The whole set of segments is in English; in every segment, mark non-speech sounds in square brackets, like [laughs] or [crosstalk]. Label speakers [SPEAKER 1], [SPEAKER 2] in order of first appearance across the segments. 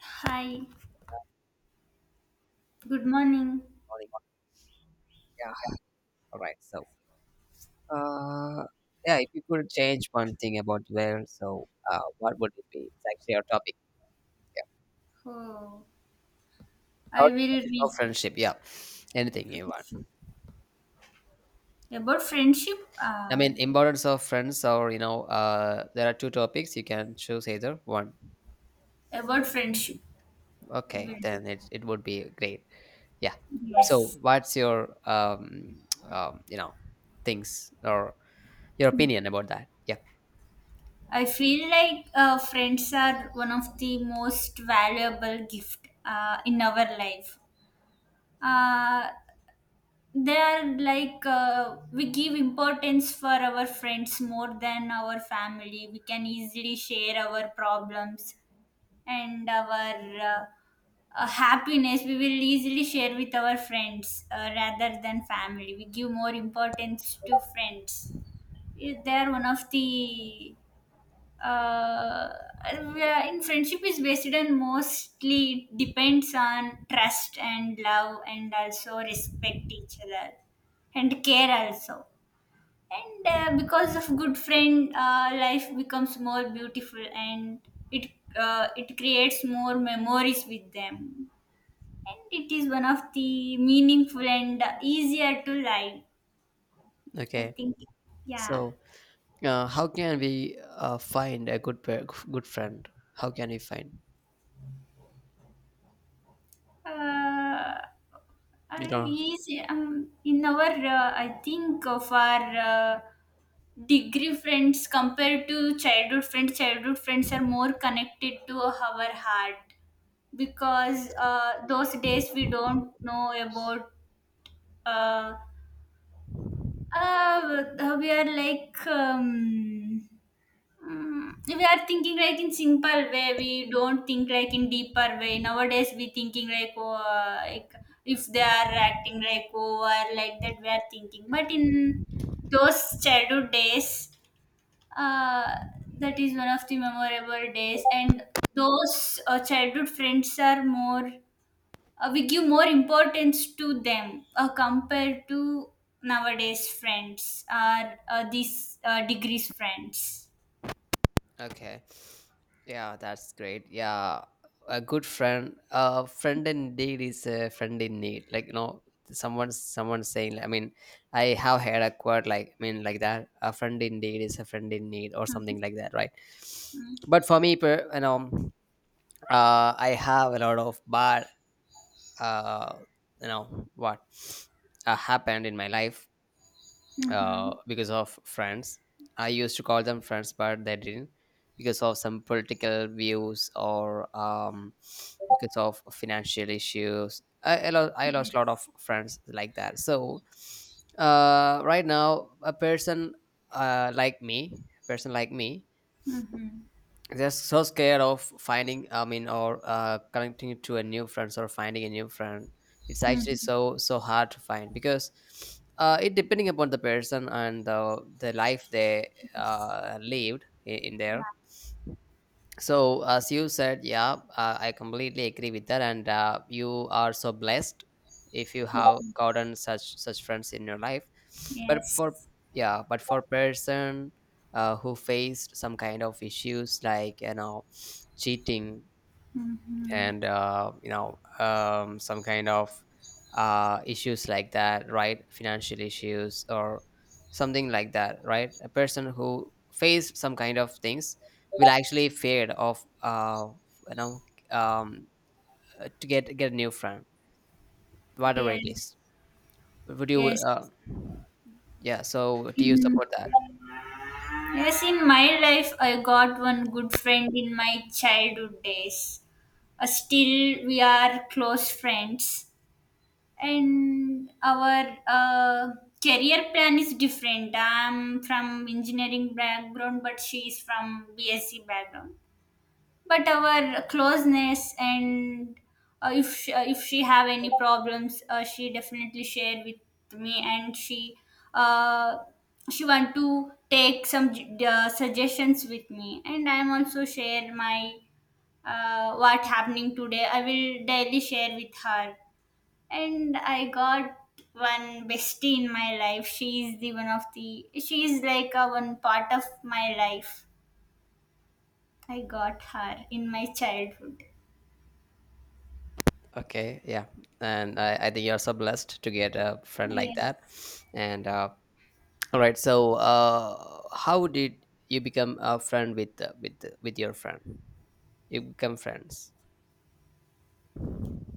[SPEAKER 1] Hi, good morning.
[SPEAKER 2] Morning. Yeah. All right. Uh, yeah, if you could change one thing about where, what would it be? It's actually our topic. Yeah.
[SPEAKER 1] Oh, I
[SPEAKER 2] Our
[SPEAKER 1] will
[SPEAKER 2] of
[SPEAKER 1] read
[SPEAKER 2] friendship. Yeah. Anything you want.
[SPEAKER 1] friendship. About friendship.
[SPEAKER 2] I mean, importance of friends, or there are two topics. You can choose either one.
[SPEAKER 1] About friendship, will
[SPEAKER 2] Okay,
[SPEAKER 1] do.
[SPEAKER 2] then it would be great. Yeah.
[SPEAKER 1] Yes,
[SPEAKER 2] So, what's your [tsk] you know, things or your opinion about that? Yeah.
[SPEAKER 1] I feel like friends are one of the most valuable gift in our life. Uh, they are like we give importance for our friends more than our family. We can easily share our problems and our happiness we will easily share with our friends rather than family we give more importance to friends. They are one of the uh, in friendship is based on mostly it depends on trust and love and also respect each other and care also, and because of good friend life becomes more beautiful and it it creates more memories with them, and it is one of the meaningful and easier to live, I
[SPEAKER 2] Okay.
[SPEAKER 1] think. Yeah.
[SPEAKER 2] So. How can we find a good friend? How can we find?
[SPEAKER 1] uh,
[SPEAKER 2] You know.
[SPEAKER 1] easy, in our I think of our degree friends compared to childhood friends, childhood friends are more connected to our heart, because those days we don't know about uh, we are like we are thinking like in simple way, we don't think like in deeper way. Nowadays we thinking like oh, like if they are acting like oh or like that we are thinking, but in those childhood days, uh, that is one of the memorable days, and those childhood friends are more, we give more importance to them compared to nowadays friends or these degrees friends.
[SPEAKER 2] Okay. Yeah, that's great. Yeah, a good friend, a friend indeed is a friend in need. Like you know, someone saying. I mean, I have heard a quote like that. A friend indeed is a friend in need or
[SPEAKER 1] Mm-hmm.
[SPEAKER 2] something like that, right? But for me, I have a lot of bad, uh, you know, what happened in my life
[SPEAKER 1] Mm-hmm.
[SPEAKER 2] because of friends. I used to call them friends, but they didn't because of some political views or because of financial issues. I lost a lot
[SPEAKER 1] Yes.
[SPEAKER 2] of friends like that. So right now, a person like me, person like me,
[SPEAKER 1] Mm-hmm.
[SPEAKER 2] they're so scared of finding I mean or connecting to a new friends or finding a new friend. It's actually
[SPEAKER 1] Mm-hmm.
[SPEAKER 2] so hard to find, because it depending upon the person and the life they
[SPEAKER 1] Yes.
[SPEAKER 2] lived in there. So as you said, yeah, I completely agree with that, and you are so blessed if you have gotten such friends in your life. but
[SPEAKER 1] Yes.
[SPEAKER 2] for yeah but for person who faced some kind of issues, like you know, cheating,
[SPEAKER 1] Mm-hmm.
[SPEAKER 2] and some kind of issues like that, right? Financial issues or something like that, right? A person who faced some kind of things will actually feared of you know um, to get a new friend, whatever
[SPEAKER 1] Yeah.
[SPEAKER 2] it is. Would you
[SPEAKER 1] Yes,
[SPEAKER 2] yeah, so do you
[SPEAKER 1] in,
[SPEAKER 2] support that?
[SPEAKER 1] yes, in my life I got one good friend in my childhood days. Still we are close friends, and our career plan is different. I'm from engineering background, but she is from bsc background. But our closeness, and if she have any problems she definitely share with me, and uh, she want to take some suggestions with me, and I am also share my what happening today I will daily share with her. And I got one bestie in my life. She's the one of the she's like a one part of my life. I got her in my childhood.
[SPEAKER 2] Okay, yeah, and I think you're so blessed to get a friend like that.
[SPEAKER 1] Yes.
[SPEAKER 2] And All right. How did you become a friend with your friend? You become friends.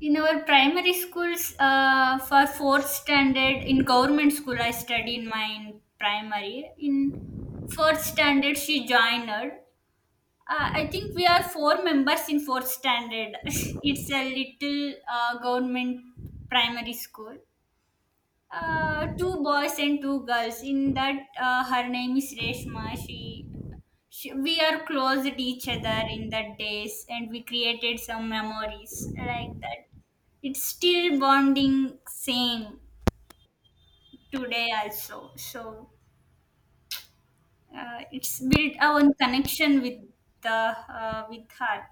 [SPEAKER 1] In our primary schools, for fourth standard in government school, I studied mine primary. In fourth standard, she joined her. I think we are four members in fourth standard. [laughs] It's a little government primary school, two boys and two girls. In that, her name is Reshma. We are close to each other in that days, and we created some memories like that. It's still bonding same today also. So it's built our connection with the with her.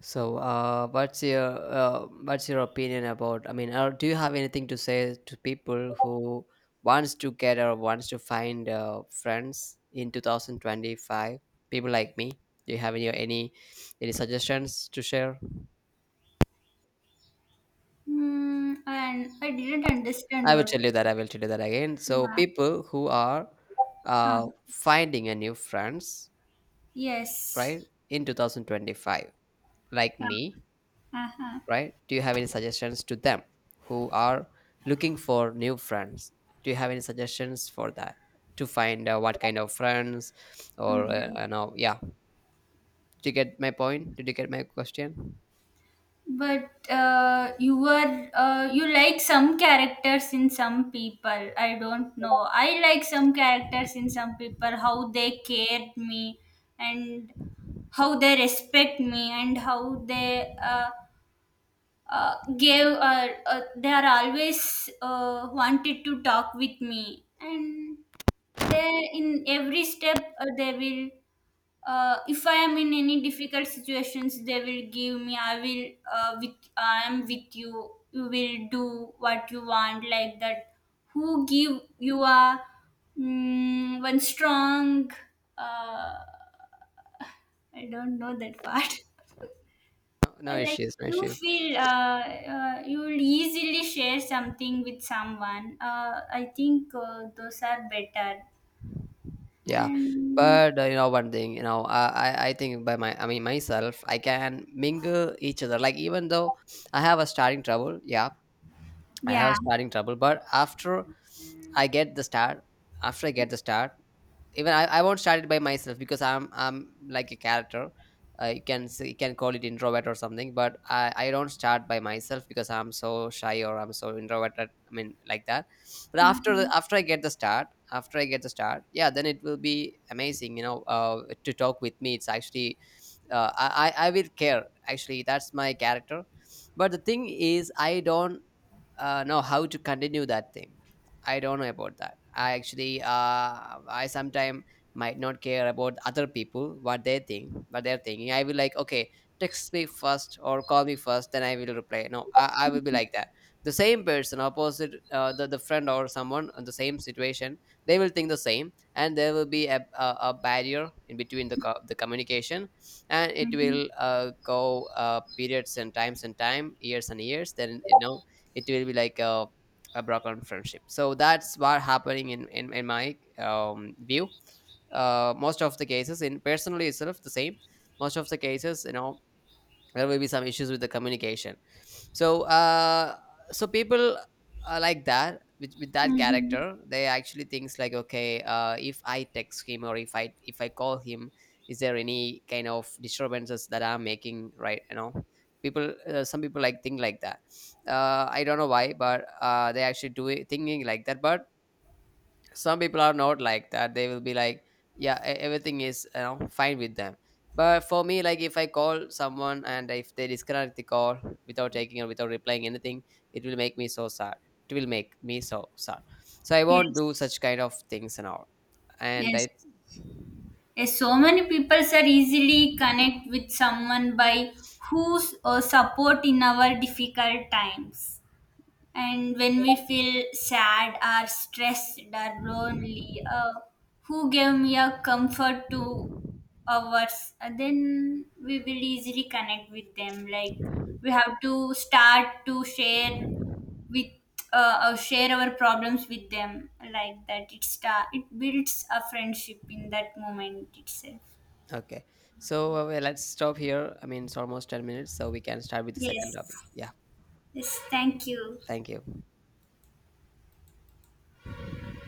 [SPEAKER 2] So what's your opinion about? I mean, or do you have anything to say to people who wants to get or wants to find friends in 2025? People like me. Do you have any any suggestions to share?
[SPEAKER 1] Hmm, and I didn't understand
[SPEAKER 2] I will
[SPEAKER 1] your.
[SPEAKER 2] tell you that. I will tell you that again. So,
[SPEAKER 1] Yeah.
[SPEAKER 2] people who are
[SPEAKER 1] Uh,
[SPEAKER 2] finding a new friends, right,
[SPEAKER 1] yes.
[SPEAKER 2] in 2025, like
[SPEAKER 1] Uh,
[SPEAKER 2] me,
[SPEAKER 1] uh-huh.
[SPEAKER 2] right, do you have any suggestions to them who are looking for new friends? Do you have any suggestions for that, to find what kind of friends, or
[SPEAKER 1] Mhm.
[SPEAKER 2] you know. Yeah, did you get my point, did you get my question?
[SPEAKER 1] But you were you like some characters in some people. I don't know. I like some characters in some people. How they cared me, and how they respect me, and how they gave. They are always wanted to talk with me, and they in every step they will if I am in any difficult situations, they will give me. I will with I am with you. You will do what you want like that. Who give you a one strong? Uh, I don't know that part.
[SPEAKER 2] No, no
[SPEAKER 1] [laughs] Like
[SPEAKER 2] issues, no
[SPEAKER 1] you
[SPEAKER 2] issues.
[SPEAKER 1] feel you will easily share something with someone. I think those are better.
[SPEAKER 2] Yeah,
[SPEAKER 1] And
[SPEAKER 2] but you know one thing, you know, I think by my I mean myself I can mingle each other, like even though I have a starting trouble. Yeah, I
[SPEAKER 1] yeah.
[SPEAKER 2] have starting trouble, but after I get the start, after I get the start, even I won't start it by myself, because I'm like a character. You can say, you can call it introvert or something, but I don't start by myself, because I'm so shy or I'm so introverted. I mean like that. But
[SPEAKER 1] Mhm.
[SPEAKER 2] after I get the start, after I get the start, yeah, then it will be amazing. You know, to talk with me, it's actually I will care. Actually, that's my character. But the thing is, I don't no how to continue that thing. I don't know about that. I sometime might not care about other people, what they think, what they're thinking. I will like, okay, text me first or call me first, then I will reply. No I, I will be like that. The same person opposite, the friend or someone in the same situation, they will think the same, and there will be a barrier in between the communication, and it
[SPEAKER 1] Mhm.
[SPEAKER 2] will go periods and times and time years and years, then you know it will be like a broken friendship. So that's what happening in my view, most of the cases, in personally itself, the same, most of the cases, you know, there may be some issues with the communication. So so people are like that. With that
[SPEAKER 1] Mhm.
[SPEAKER 2] character, they actually thinks like, okay, if I text him, or if I call him, is there any kind of disturbances that I'm making, right? You know, people some people like think like that. I don't know why, but they actually do it thinking like that. But some people are not like that. They will be like, yeah, everything is, you know, fine with them. But for me, like if I call someone and if they disconnect the call without taking or without replying anything, it will make me so sad, it will make me so sad. So I won't do
[SPEAKER 1] Yes.
[SPEAKER 2] such kind of things and all. And
[SPEAKER 1] Yes.
[SPEAKER 2] i.
[SPEAKER 1] Yes, so many people are easily connect with someone by whose support in our difficult times, and when we feel sad or stressed or lonely, uh, who gave me a comfort to ours, then we will easily connect with them, like we have to start to share with share our problems with them, like that it start it builds a friendship in that moment itself.
[SPEAKER 2] Okay, well, let's stop here, I mean it's almost 10 minutes, so we can start with the
[SPEAKER 1] Yes.
[SPEAKER 2] second topic. Yeah,
[SPEAKER 1] Yes, thank you.
[SPEAKER 2] thank you.